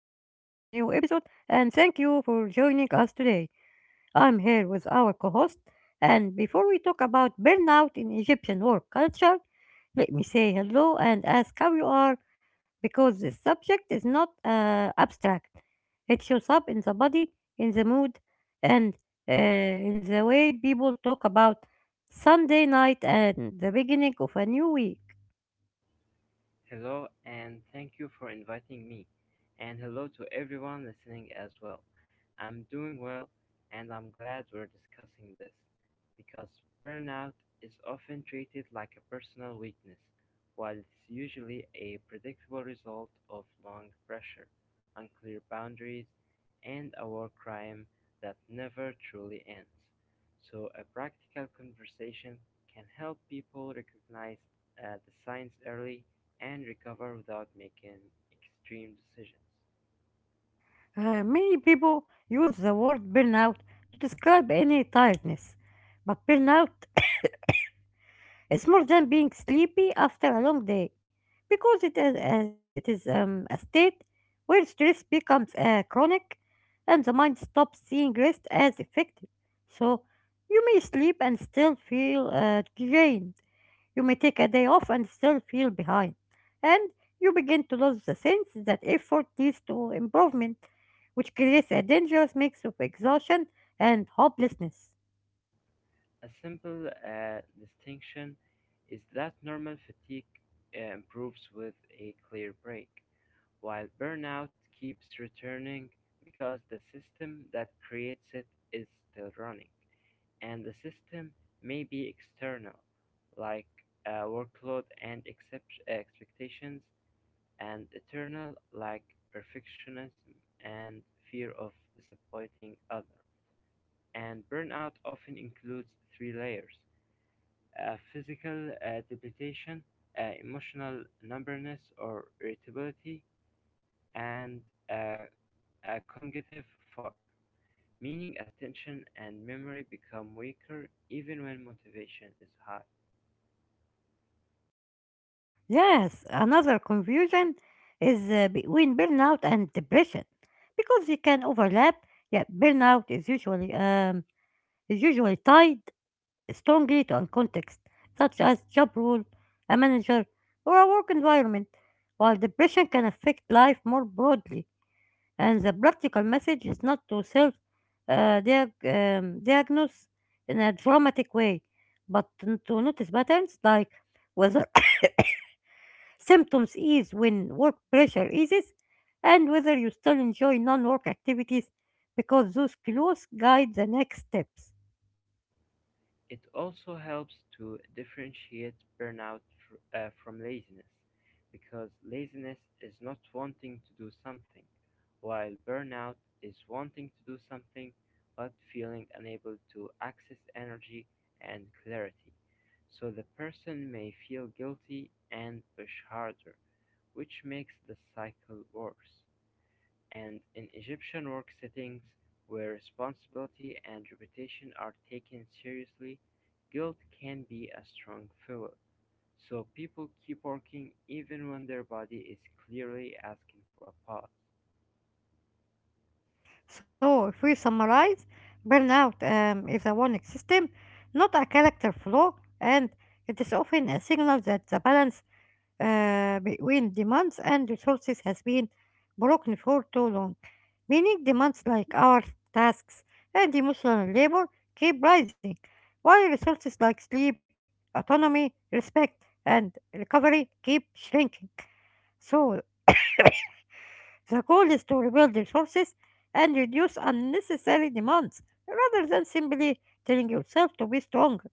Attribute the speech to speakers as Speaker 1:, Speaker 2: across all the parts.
Speaker 1: episode. And thank you for joining us today. I'm here with our co host. And before we talk about burnout in Egyptian work culture, let me say hello and ask how you are because this subject is not abstract. It shows up in the body, in the mood, and in the way people talk about Sunday night and the beginning of a new week.
Speaker 2: Hello, and thank you for inviting me. And hello to everyone listening as well. I'm doing well, and I'm glad we're discussing this because burnout is often treated like a personal weakness, while it's usually a predictable result of long pressure, unclear boundaries, and a war crime that never truly ends. So, a practical conversation can help people recognize the signs early and recover without making extreme decisions.
Speaker 1: Many people use the word burnout to describe any tiredness, but burnout is more than being sleepy after a long day, because it is a state where stress becomes chronic and the mind stops seeing rest as effective. So you may sleep and still feel drained. You may take a day off and still feel behind. And you begin to lose the sense that effort leads to improvement, which creates a dangerous mix of exhaustion and hopelessness.
Speaker 2: A simple distinction is that normal fatigue improves with a clear break, while burnout keeps returning because the system that creates it is still running, and the system may be external, like workload and expectations, and eternal, like perfectionism and fear of disappointing others. And burnout often includes three layers: physical depletion, emotional numbness or irritability, and uh, a cognitive fog, meaning attention and memory become weaker even when motivation is high.
Speaker 1: Yes, another confusion is between burnout and depression because they can overlap. Yet burnout is usually tied strongly to a context such as job role, a manager, or a work environment, while depression can affect life more broadly, and the practical message is not to uh, diag- diagnose in a dramatic way, but to notice patterns like whether symptoms ease when work pressure eases and whether you still enjoy non work activities because those clues guide the next steps.
Speaker 2: It also helps to differentiate burnout from laziness, because laziness is not wanting to do something, while burnout is wanting to do something but feeling unable to access energy and clarity. So the person may feel guilty and push harder, which makes the cycle worse. And in Egyptian work settings, where responsibility and reputation are taken seriously, guilt can be a strong fuel. So people keep working even when their body is clearly asking for a pause.
Speaker 1: So, if we summarize, burnout is a warning system, not a character flaw, and it is often a signal that the balance between demands and resources has been broken for too long, meaning demands like hours, tasks, and emotional labor keep rising, while resources like sleep, autonomy, respect, and recovery keep shrinking. So, the goal is to rebuild resources and reduce unnecessary demands rather than simply telling yourself to be stronger.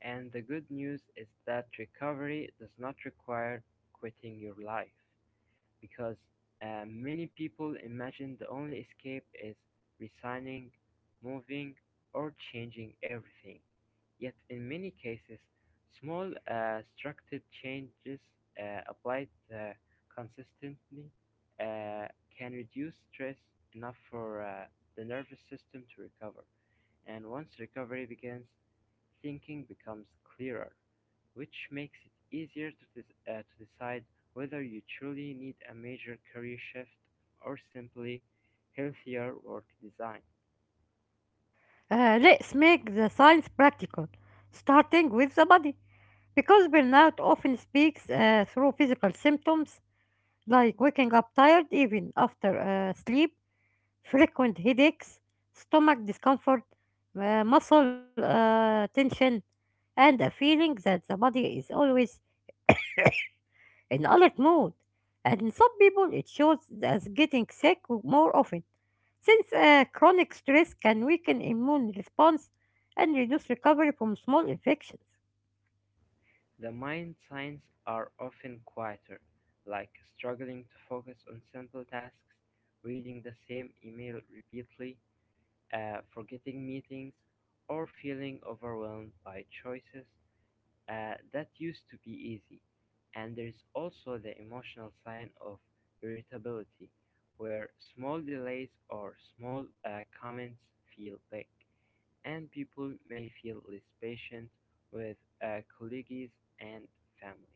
Speaker 2: And the good news is that recovery does not require quitting your life, because many people imagine the only escape is resigning, moving, or changing everything. Yet, in many cases, small structured changes applied uh, consistently uh, can reduce stress enough for the nervous system to recover. And once recovery begins, thinking becomes clearer, which makes it easier to decide whether you truly need a major career shift or simply healthier work design.
Speaker 1: Let's make the science practical, starting with the body. Because burnout often speaks through physical symptoms like waking up tired even after sleep, frequent headaches, stomach discomfort, muscle tension, and a feeling that the body is always in alert mode. And in some people, it shows as getting sick more often, since chronic stress can weaken immune response and reduce recovery from small infections.
Speaker 2: The mind signs are often quieter, like struggling to focus on simple tasks, reading the same email repeatedly, forgetting meetings, or feeling overwhelmed by choices that used to be easy. And there's also the emotional sign of irritability, where small delays or small comments feel big, and people may feel less patient with colleagues and family.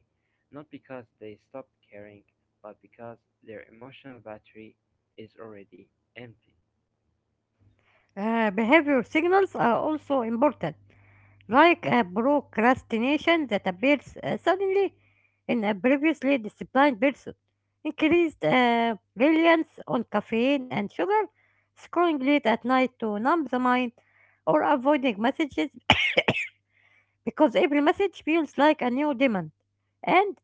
Speaker 2: Not because they stopped caring, but because their emotional battery is already empty.
Speaker 1: Behavior signals are also important, like a procrastination that appears suddenly in a previously disciplined person, increased reliance on caffeine and sugar, scrolling late at night to numb the mind, or avoiding messages because every message feels like a new demand. And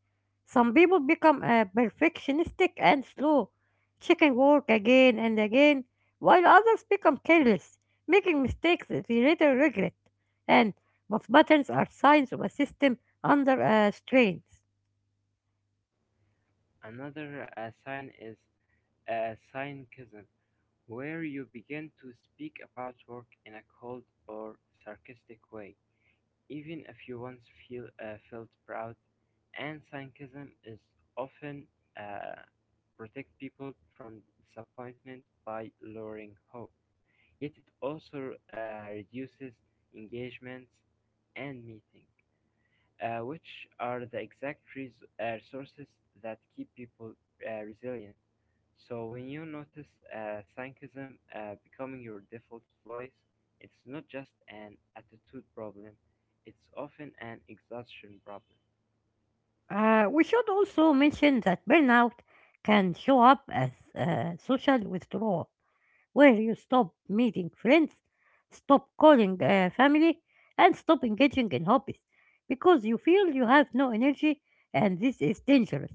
Speaker 1: some people become perfectionistic and slow, checking work again and again, while others become careless, making mistakes that they later regret. And but buttons are signs of a system under strains.
Speaker 2: Another sign is cynicism, where you begin to speak about work in a cold or sarcastic way, even if you once felt proud, and cynicism is often uh, protect people from disappointment by lowering hope. Yet it also reduces engagements and meetings which are the exact resources that keep people resilient. So when you notice cynicism becoming your default voice, it's not just an attitude problem; it's often an exhaustion problem.
Speaker 1: We should also mention that burnout can show up as social withdrawal where you stop meeting friends, stop calling family, and stop engaging in hobbies because you feel you have no energy, and this is dangerous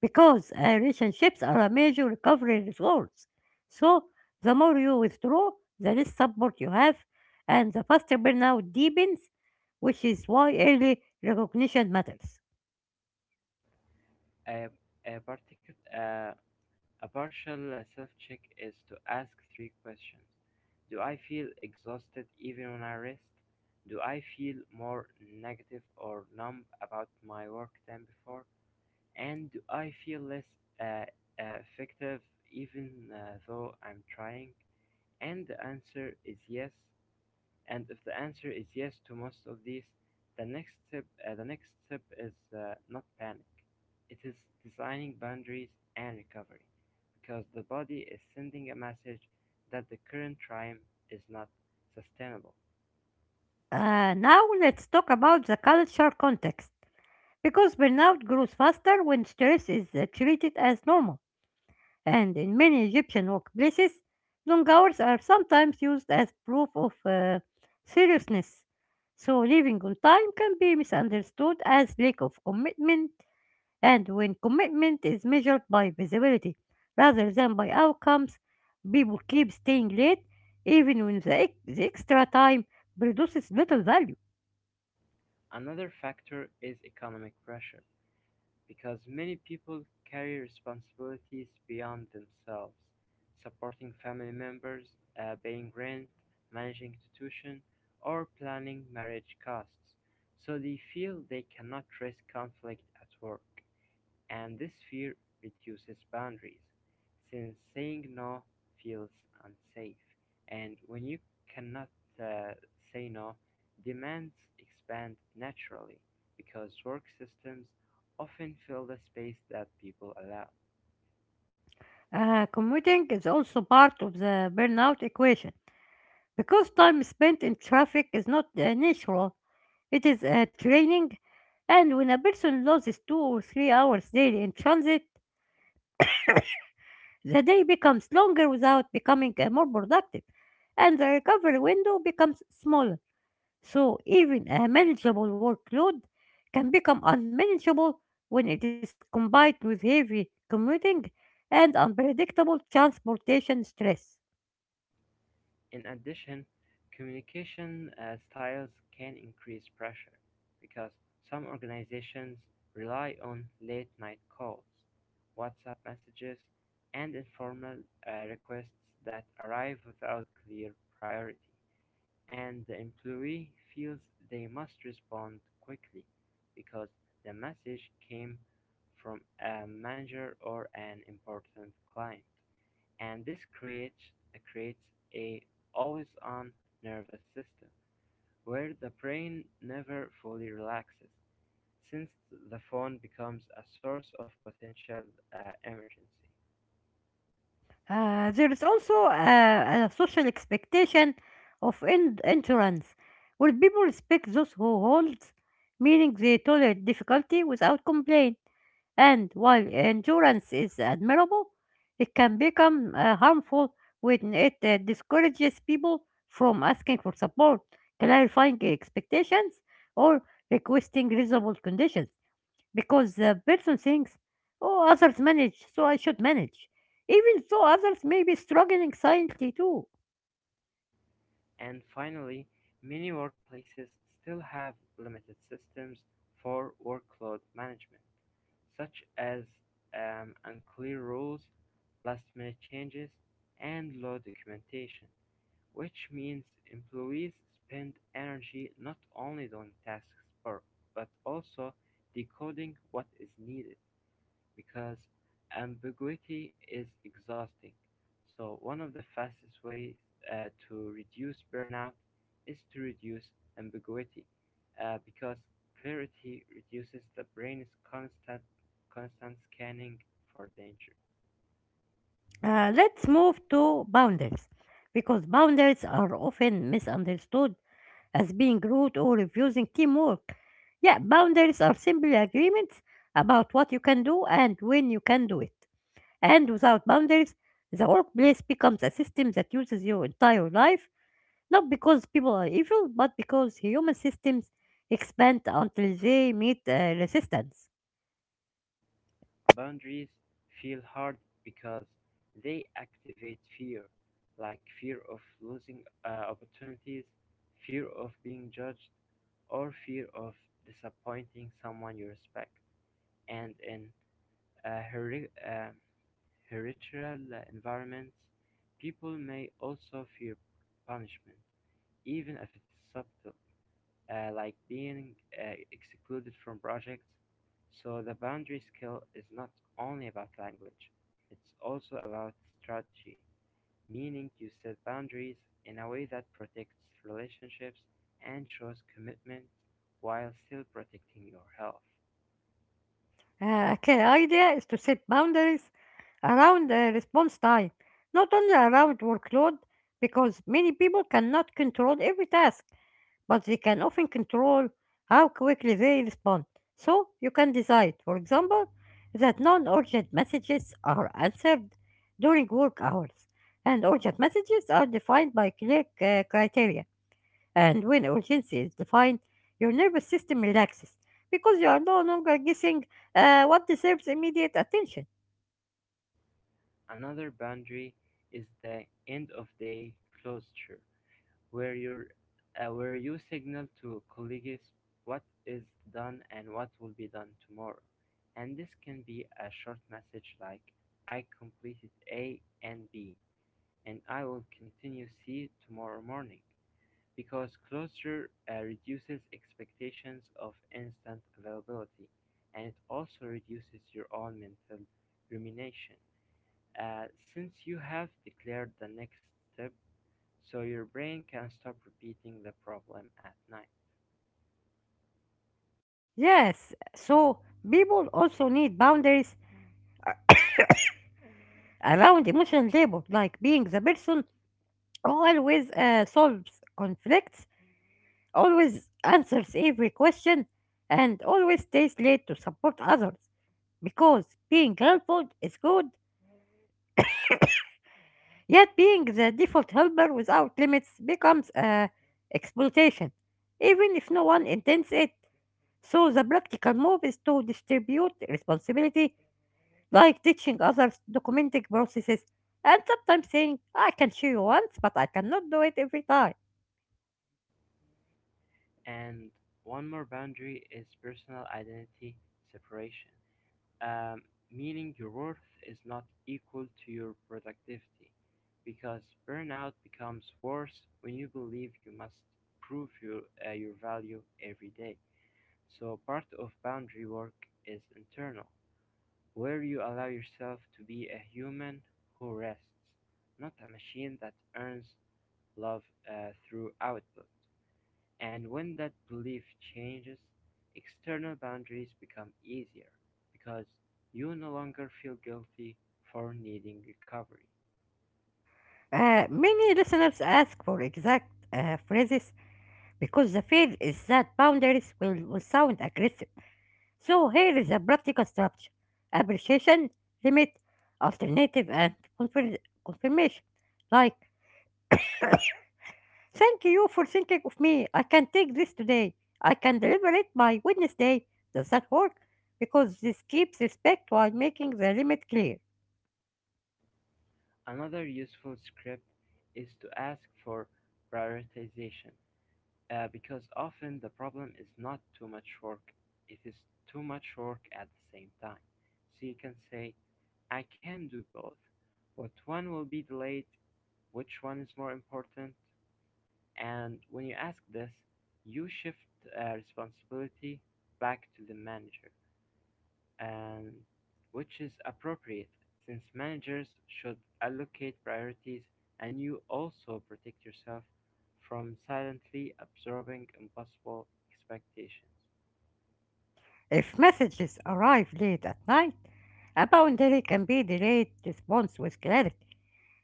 Speaker 1: because relationships are a major recovery resource. So, the more you withdraw, the less support you have, and the faster burnout deepens, which is why early recognition matters.
Speaker 2: A a, partic- uh, a partial self-check is to ask three questions: Do I feel exhausted even when I rest? Do I feel more negative or numb about my work than before? And I feel less uh, effective even though I'm trying? And the answer is yes. And if the answer is yes to most of these, the next step, the next step is not panic. It is designing boundaries and recovery, because the body is sending a message that the current time is not sustainable.
Speaker 1: Now, let's talk about the cultural context. Because burnout grows faster when stress is treated as normal, and in many Egyptian workplaces, long hours are sometimes used as proof of seriousness. So, leaving on time can be misunderstood as lack of commitment, and when commitment is measured by visibility rather than by outcomes, people keep staying late even when the extra time produces little value.
Speaker 2: Another factor is economic pressure because many people carry responsibilities beyond themselves, supporting family members, paying rent, managing institution, or planning marriage costs, so they feel they cannot risk conflict at work. And this fear reduces boundaries, since saying no feels unsafe. And when you cannot uh, say no, demands expand naturally because work systems often fill the space that people allow.
Speaker 1: Commuting is also part of the burnout equation because time spent in traffic is not natural, it is training. And when a person loses 2 or 3 hours daily in transit, the day becomes longer without becoming more productive, and the recovery window becomes smaller. So, even a manageable workload can become unmanageable when it is combined with heavy commuting and unpredictable transportation stress.
Speaker 2: In addition, communication styles can increase pressure because some organizations rely on late night calls, WhatsApp messages, and informal requests that arrive without clear priority. And the employee feels they must respond quickly because the message came from a manager or an important client, and this creates a always-on nervous system where the brain never fully relaxes, since the phone becomes a source of potential emergency.
Speaker 1: There is also a social expectation of endurance, where people respect those who hold, meaning they tolerate difficulty without complaint. And while endurance is admirable, it can become harmful when it discourages people from asking for support, clarifying expectations, or requesting reasonable conditions because the person thinks, oh, others manage, so I should manage, even though others may be struggling silently too.
Speaker 2: And finally, many workplaces still have limited systems for workload management, such as unclear rules, last minute changes, and low documentation. Which means employees spend energy not only doing tasks but also decoding what is needed because ambiguity is exhausting. So one of the fastest ways to reduce burnout is to reduce ambiguity because clarity reduces the brain's constant scanning for danger.
Speaker 1: Let's move to boundaries, because boundaries are often misunderstood as being rude or refusing teamwork. Yeah, boundaries are simply agreements about what you can do and when you can do it. And without boundaries, the workplace becomes a system that uses your entire life. Not because people are evil, but because human systems expand until they meet resistance.
Speaker 2: Boundaries feel hard because they activate fear, like fear of losing opportunities, fear of being judged, or fear of disappointing someone you respect. And in uh, heri- uh, hereditary environments, people may also fear punishment, even if it's subtle, like being excluded from projects. So the boundary skill is not only about language, it's also about strategy, meaning you set boundaries in a way that protects relationships and shows commitment while still protecting your health.
Speaker 1: A clear idea is to set boundaries around response time, not only around workload, because many people cannot control every task, but they can often control how quickly they respond. So you can decide, for example, that non urgent messages are answered during work hours, and urgent messages are defined by clear criteria. And when urgency is defined, your nervous system relaxes because you are no longer guessing what deserves immediate attention.
Speaker 2: Another boundary is the end of day closure, where where you signal to colleagues what is done and what will be done tomorrow. And this can be a short message like, I completed A and B and I will continue C tomorrow morning, because closure reduces expectations of instant availability and it also reduces your own mental rumination. Uh, since you have declared the next step, so your brain can stop repeating the problem at night.
Speaker 1: Yes, so people also need boundaries around emotional labor, like being the person who always solves conflicts, always answers every question, and always stays late to support others. Because being helpful is good. Yet being the default helper without limits becomes exploitation, even if no one intends it. So the practical move is to distribute responsibility, like teaching others, documenting processes, and sometimes saying, I can show you once, but I cannot do it every time.
Speaker 2: And one more boundary is personal identity separation, um, meaning your worth is not equal to your productivity because burnout becomes worse when you believe you must prove your value every day. So, part of boundary work is internal, where you allow yourself to be a human who rests, not a machine that earns love through output. And when that belief changes, external boundaries become easier because you no longer feel guilty for needing recovery.
Speaker 1: Many listeners ask for exact phrases because the fear is that boundaries will sound aggressive. So here is a practical structure. Appreciation, limit, alternative, and confirmation. Like, thank you for thinking of me. I can take this today. I can deliver it by Wednesday. Does that work? Because this keeps respect while making the limit clear.
Speaker 2: Another useful script is to ask for prioritization because often the problem is not too much work, it is too much work at the same time. So you can say, I can do both. What one will be delayed? Which one is more important? And when you ask this, you shift responsibility back to the manager, and which is appropriate since managers should allocate priorities and you also protect yourself from silently absorbing impossible expectations.
Speaker 1: If messages arrive late at night, a boundary can be delayed response with clarity,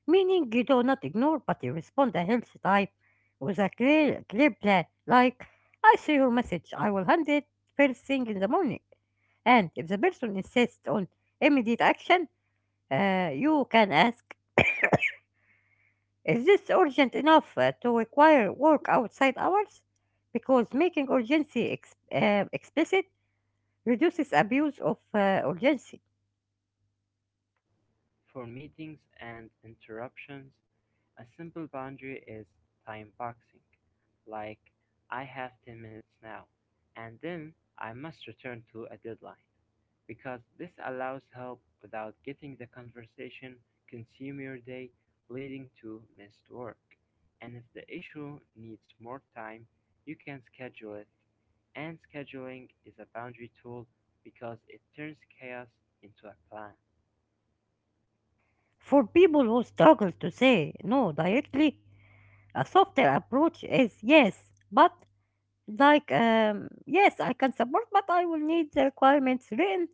Speaker 1: meaning you do not ignore, but you respond a healthy type with a clear plan. Like, I see your message, I will handle it first thing in the morning. And if the person insists on immediate action, you can ask, is this urgent enough to require work outside hours? Because making urgency explicit reduces abuse of urgency.
Speaker 2: For meetings and interruptions, a simple boundary is time boxing, like I have 10 minutes now, and then I must return to a deadline, because this allows help without getting the conversation consume your day, leading to missed work. And if the issue needs more time, you can schedule it. And scheduling is a boundary tool because it turns chaos into a plan.
Speaker 1: For people who struggle to say no directly, a softer approach is yes, but. Like, yes, I can support, but I will need the requirements written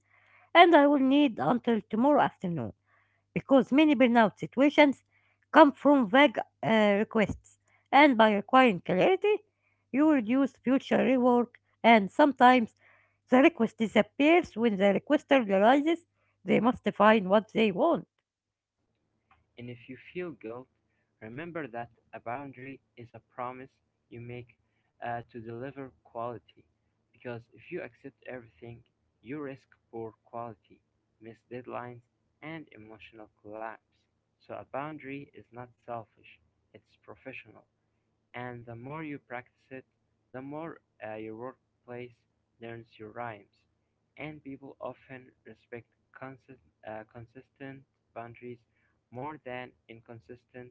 Speaker 1: and I will need until tomorrow afternoon because many burnout situations come from vague requests. And by requiring clarity, you reduce future rework, and sometimes the request disappears when the requester realizes they must define what they want.
Speaker 2: And if you feel guilt, remember that a boundary is a promise you make to deliver quality. Because if you accept everything, you risk poor quality, missed deadlines, and emotional collapse. So a boundary is not selfish, it's professional. And the more you practice it, the more your workplace learns your rhymes. And people often respect consist- consistent boundaries more than inconsistent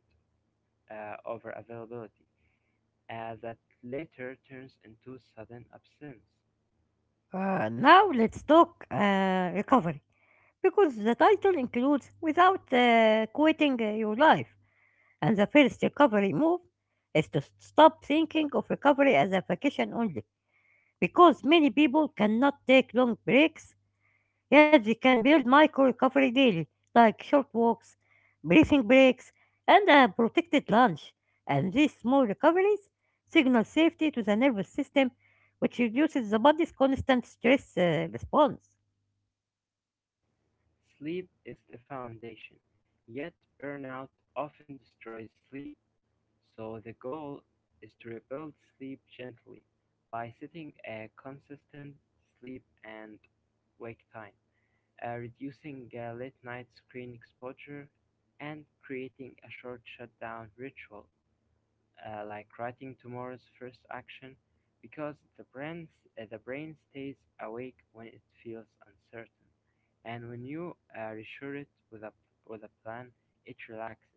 Speaker 2: over availability, that later turns into sudden absence.
Speaker 1: Now, let's talk recovery because the title includes without quitting your life. And the first recovery move is to stop thinking of recovery as a vacation only, because many people cannot take long breaks, yet they can build micro recovery daily, like short walks, breathing breaks, and a protected lunch. And these small recoveries signal safety to the nervous system, which reduces the body's constant stress response.
Speaker 2: Sleep is the foundation, yet burnout often destroys sleep. So the goal is to rebuild sleep gently by setting a consistent sleep and wake time, reducing late night screen exposure, and creating a short shutdown ritual like writing tomorrow's first action because the brain stays awake when it feels uncertain. And when you reassure it with a plan, it relaxes.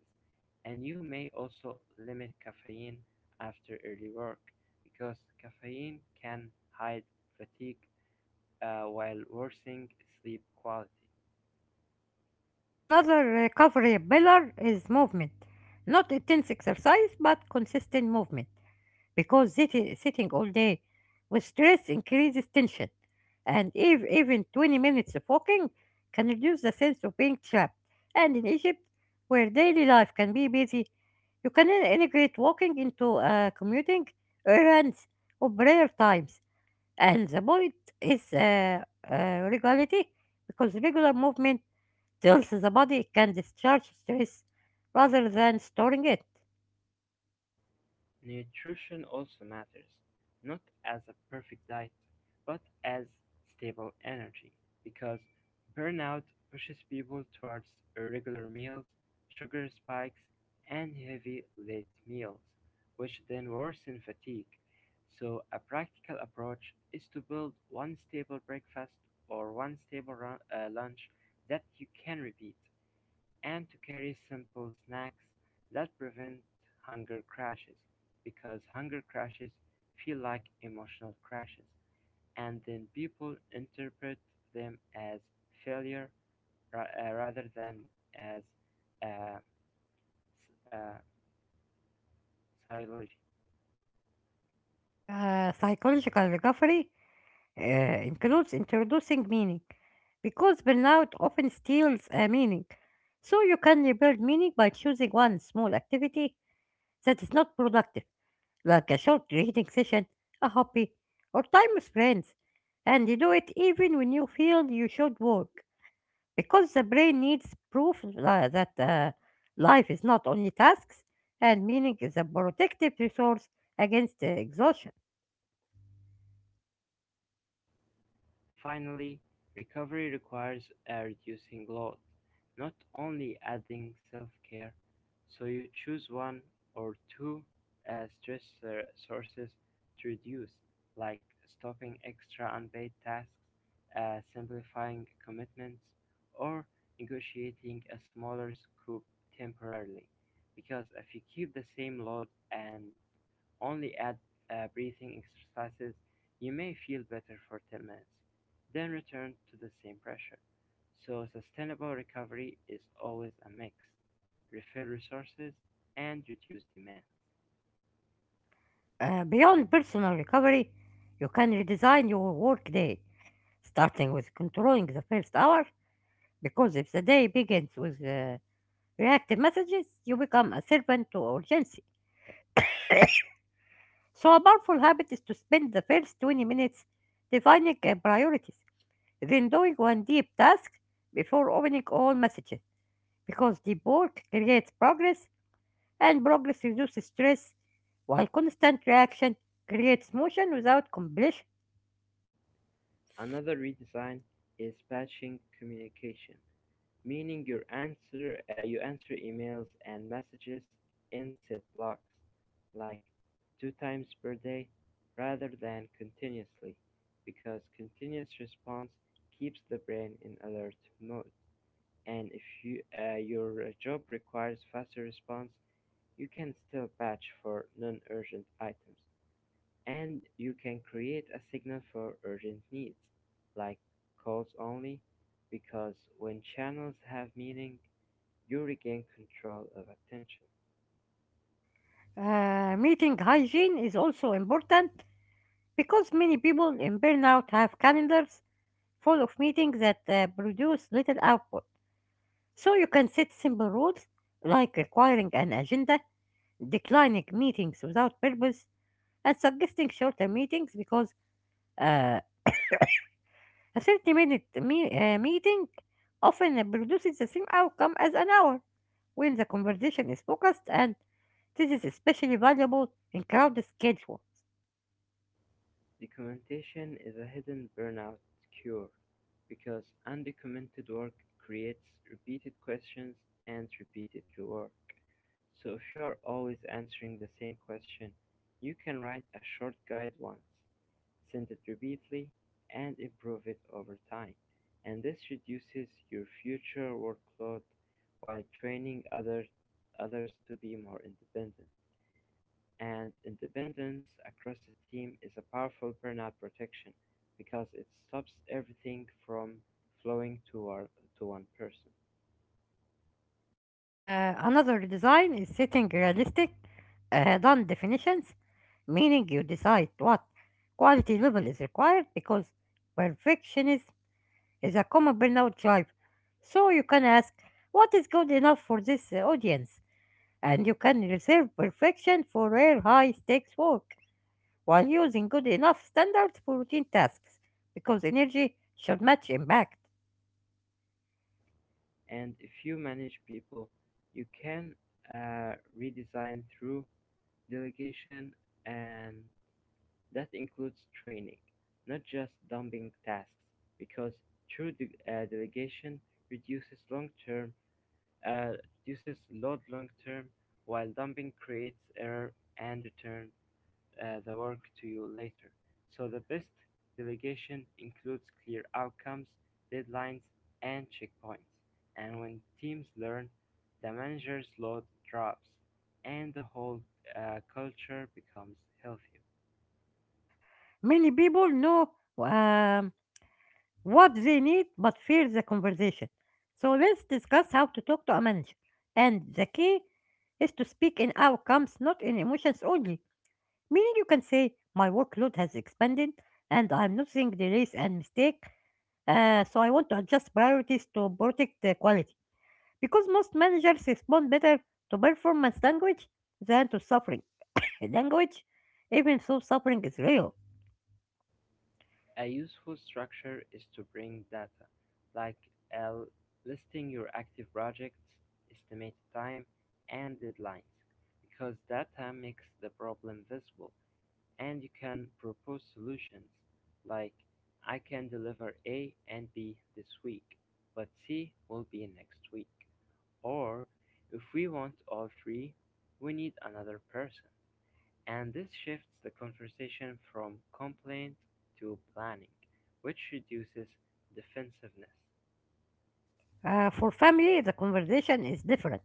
Speaker 2: And you may also limit caffeine after early work because caffeine can hide fatigue while worsening sleep quality.
Speaker 1: Another recovery pillar is movement. Not intense exercise, but consistent movement. Because sitting all day with stress increases tension. And if, even 20 minutes of walking can reduce the sense of being trapped. And in Egypt, where daily life can be busy, you can integrate walking into commuting, errands, or prayer times. And the point is regularity, because regular movement tells the body it can discharge stress rather than storing it.
Speaker 2: Nutrition also matters, not as a perfect diet, but as stable energy, because burnout pushes people towards irregular meals, sugar spikes, and heavy late meals, which then worsen fatigue. So, a practical approach is to build one stable breakfast or one stable lunch that you can repeat and to carry simple snacks that prevent hunger crashes because hunger crashes feel like emotional crashes and then people interpret them as failure rather than as uh, uh, psychology.
Speaker 1: Psychological recovery includes introducing meaning because burnout often steals a meaning. So you can rebuild meaning by choosing one small activity that is not productive, like a short reading session, a hobby, or time with friends, and you do it even when you feel you should work, because the brain needs proof that life is not only tasks, and meaning is a protective resource against exhaustion.
Speaker 2: Finally, recovery requires a reducing load, not only adding self-care, so you choose one or two stress sources to reduce, like stopping extra unpaid tasks, simplifying commitments, or negotiating a smaller scope temporarily. Because if you keep the same load and only add breathing exercises, you may feel better for 10 minutes, then return to the same pressure. So, sustainable recovery is always a mix: refill resources and reduce demands.
Speaker 1: Beyond personal recovery, you can redesign your workday, starting with controlling the first hour, because if the day begins with reactive messages, you become a servant to urgency. So, a powerful habit is to spend the first 20 minutes defining priorities, then doing one deep task before opening all messages, because the board creates progress and progress reduces stress while constant reaction creates motion without completion.
Speaker 2: Another redesign is patching communication, meaning you answer emails and messages in set blocks, like two times per day, rather than continuously, because continuous response keeps the brain in alert mode. And if you, your job requires faster response, you can still batch for non urgent items. And you can create a signal for urgent needs, like calls only, because when channels have meaning, you regain control of attention.
Speaker 1: Meeting hygiene is also important because many people in burnout have calendars full of meetings that produce little output. So you can set simple rules like requiring an agenda, declining meetings without purpose, and suggesting shorter meetings because uh, a 30 minute meeting often produces the same outcome as an hour when the conversation is focused, and this is especially valuable in crowded schedules.
Speaker 2: Documentation is a hidden burnout cure because undocumented work creates repeated questions and repeated work. So if you are always answering the same question, you can write a short guide once, send it repeatedly, and improve it over time. And this reduces your future workload while training others to be more independent. And independence across a team is a powerful burnout protection because it stops everything from flowing toward to one person.
Speaker 1: Another design is setting realistic, done definitions, meaning you decide what quality level is required because perfectionism is a common burnout drive. So you can ask, what is good enough for this audience? And you can reserve perfection for rare high stakes work while using good enough standards for routine tasks because energy should match impact.
Speaker 2: And if you manage people, you can redesign through delegation, and that includes training, not just dumping tasks, because true delegation reduces long-term uh, reduces load long-term, while dumping creates error and return the work to you later. So the best delegation includes clear outcomes, deadlines, and checkpoints. And when teams learn, the manager's load drops, and the whole culture becomes healthier.
Speaker 1: Many people know um, what they need but fear the conversation. So let's discuss how to talk to a manager. And the key is to speak in outcomes, not in emotions only. Meaning you can say, "My workload has expanded and I'm noticing delays and mistake, so I want to adjust priorities to protect the quality." Because most managers respond better to performance language than to suffering language, even though suffering is real.
Speaker 2: A useful structure is to bring data, like uh, listing your active projects, estimated time, and deadlines, because data makes the problem visible. And you can propose solutions, like I can deliver A and B this week, but C will be next week. Or if we want all three, we need another person. And this shifts the conversation from complaint to planning, which reduces defensiveness.
Speaker 1: For family, the conversation is different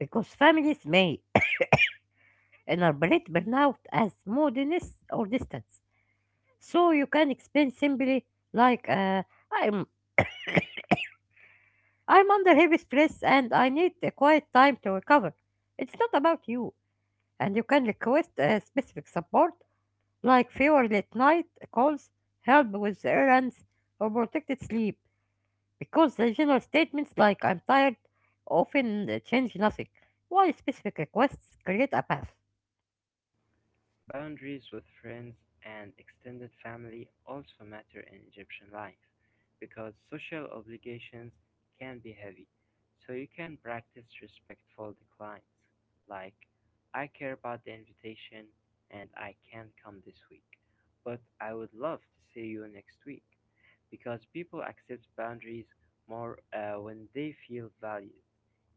Speaker 1: because families may interpret burnout as moodiness or distance. So you can explain simply like, I'm I'm under heavy stress and I need a quiet time to recover. It's not about you, and you can request a specific support like fewer late night calls, help with errands, or protected sleep, because the general statements like "I'm tired" often change nothing, while specific requests create a path.
Speaker 2: Boundaries with friends and extended family also matter in Egyptian life because social obligations can be heavy, so you can practice respectful declines, like I care about the invitation and I can't come this week, but I would love to see you next week, because people accept boundaries more when they feel valued,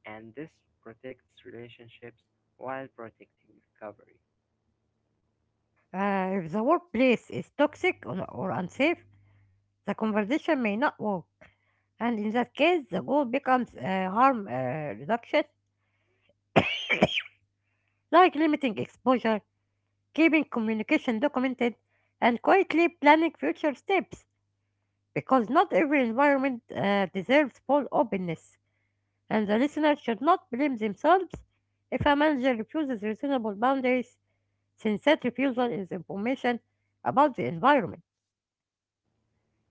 Speaker 2: and this protects relationships while protecting recovery.
Speaker 1: If the workplace is toxic or unsafe, the conversation may not work, and in that case, the goal becomes harm reduction, like limiting exposure, keeping communication documented, and quietly planning future steps because not every environment deserves full openness, and the listener should not blame themselves if a manager refuses reasonable boundaries since that refusal is information about the environment.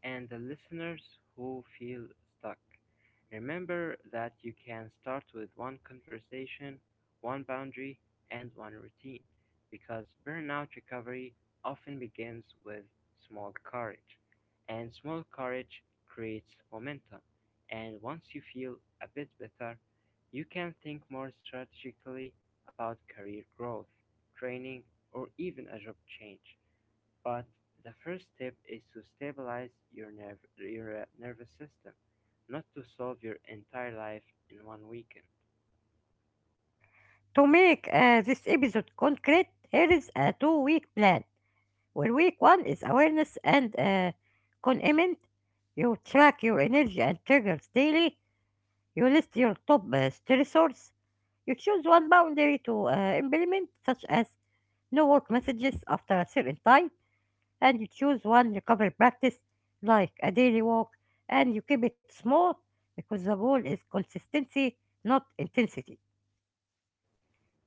Speaker 2: And the listeners who feel stuck, remember that you can start with one conversation, one boundary, and one routine, because burnout recovery often begins with small courage. And small courage creates momentum. And once you feel a bit better, you can think more strategically about career growth, training, or even a job change. But the first step is to stabilize your nervous system, not to solve your entire life in one weekend.
Speaker 1: To make this episode concrete, here is a 2 week plan where week one is awareness and commitment. You track your energy and triggers daily. You list your top stressors. You choose one boundary to implement, such as no work messages after a certain time, and you choose one recovery practice like a daily walk, and you keep it small because the goal is consistency, not intensity.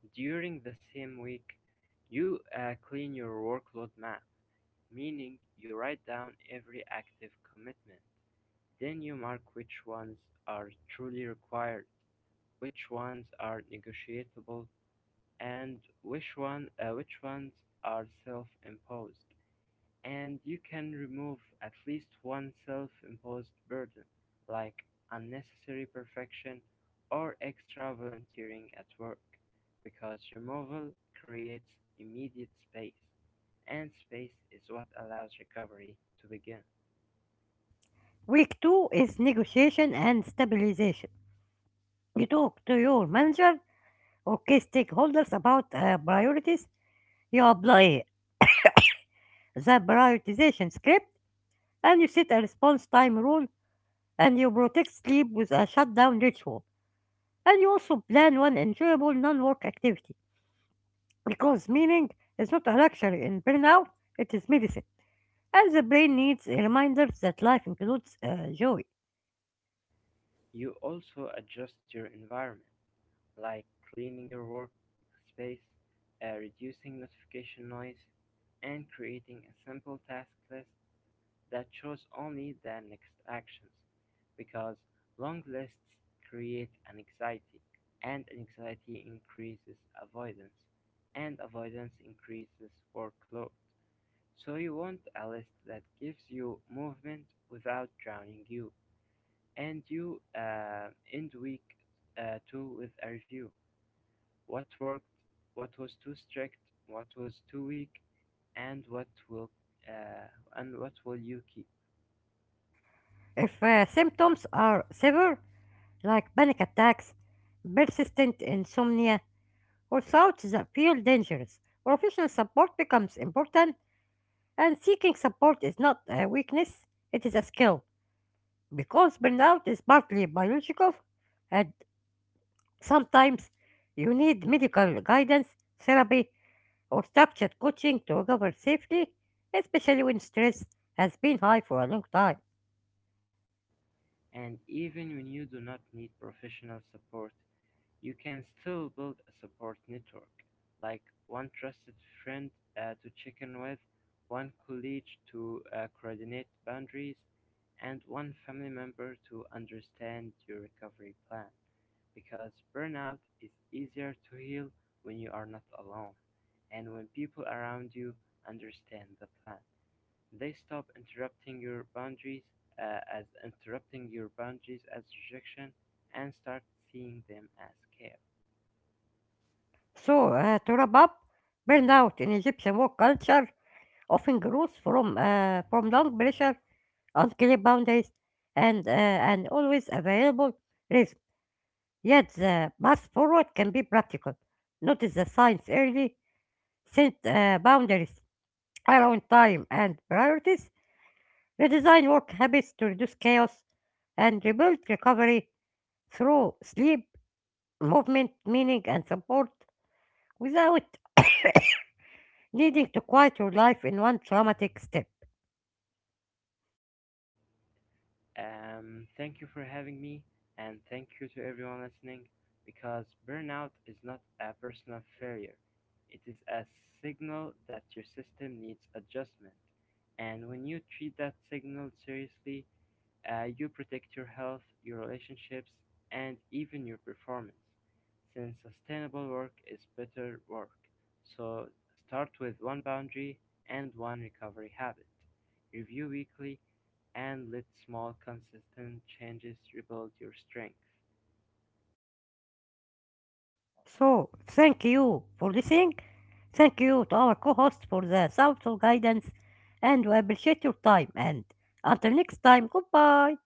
Speaker 2: During the same week, you clean your workload map, meaning you write down every active commitment. Then you mark which ones are truly required, which ones are negotiable, and which ones are self imposed. And you can remove at least one self-imposed burden, like unnecessary perfection or extra volunteering at work, because removal creates immediate space, and space is what allows recovery to begin.
Speaker 1: Week two is negotiation and stabilization. You talk to your manager or key stakeholders about priorities. You apply the prioritization script, and you set a response time rule, and you protect sleep with a shutdown ritual. And you also plan one enjoyable non-work activity. Because meaning is not a luxury in burnout, it is medicine. And the brain needs reminders that life includes joy.
Speaker 2: You also adjust your environment, like cleaning your workspace, reducing notification noise, and creating a simple task list that shows only the next actions, because long lists create an anxiety, and anxiety increases avoidance, and avoidance increases workload. So you want a list that gives you movement without drowning you. And you end week two with a review. What worked, what was too strict, what was too weak, and what will uh, and what will you keep?
Speaker 1: If symptoms are severe, like panic attacks, persistent insomnia, or thoughts that feel dangerous, professional support becomes important, and seeking support is not a weakness, it is a skill. Because burnout is partly biological and sometimes you need medical guidance, therapy, or structured coaching to recover safely, especially when stress has been high for a long time.
Speaker 2: And even when you do not need professional support, you can still build a support network, like one trusted friend to check in with, one colleague to coordinate boundaries, and one family member to understand your recovery plan. Because burnout is easier to heal when you are not alone and when people around you understand the plan. They stop interrupting your boundaries as interrupting your boundaries as rejection and start seeing them as care.
Speaker 1: So, to wrap up, burnout in Egyptian work culture often grows from long pressure, unclear boundaries, and an always available risk. Yet, the path forward can be practical. Notice the signs early, set boundaries around time and priorities, redesign work habits to reduce chaos and rebuild recovery through sleep, movement, meaning, and support without needing to quiet your life in one traumatic step.
Speaker 2: Thank you for having me, and thank you to everyone listening because burnout is not a personal failure. It is a signal that your system needs adjustment. And when you treat that signal seriously, you protect your health, your relationships, and even your performance. Since sustainable work is better work. So start with one boundary and one recovery habit. Review weekly and let small, consistent changes rebuild your strength.
Speaker 1: So, thank you for listening. Thank you to our co host for the thoughtful guidance, and we appreciate your time. And until next time, goodbye.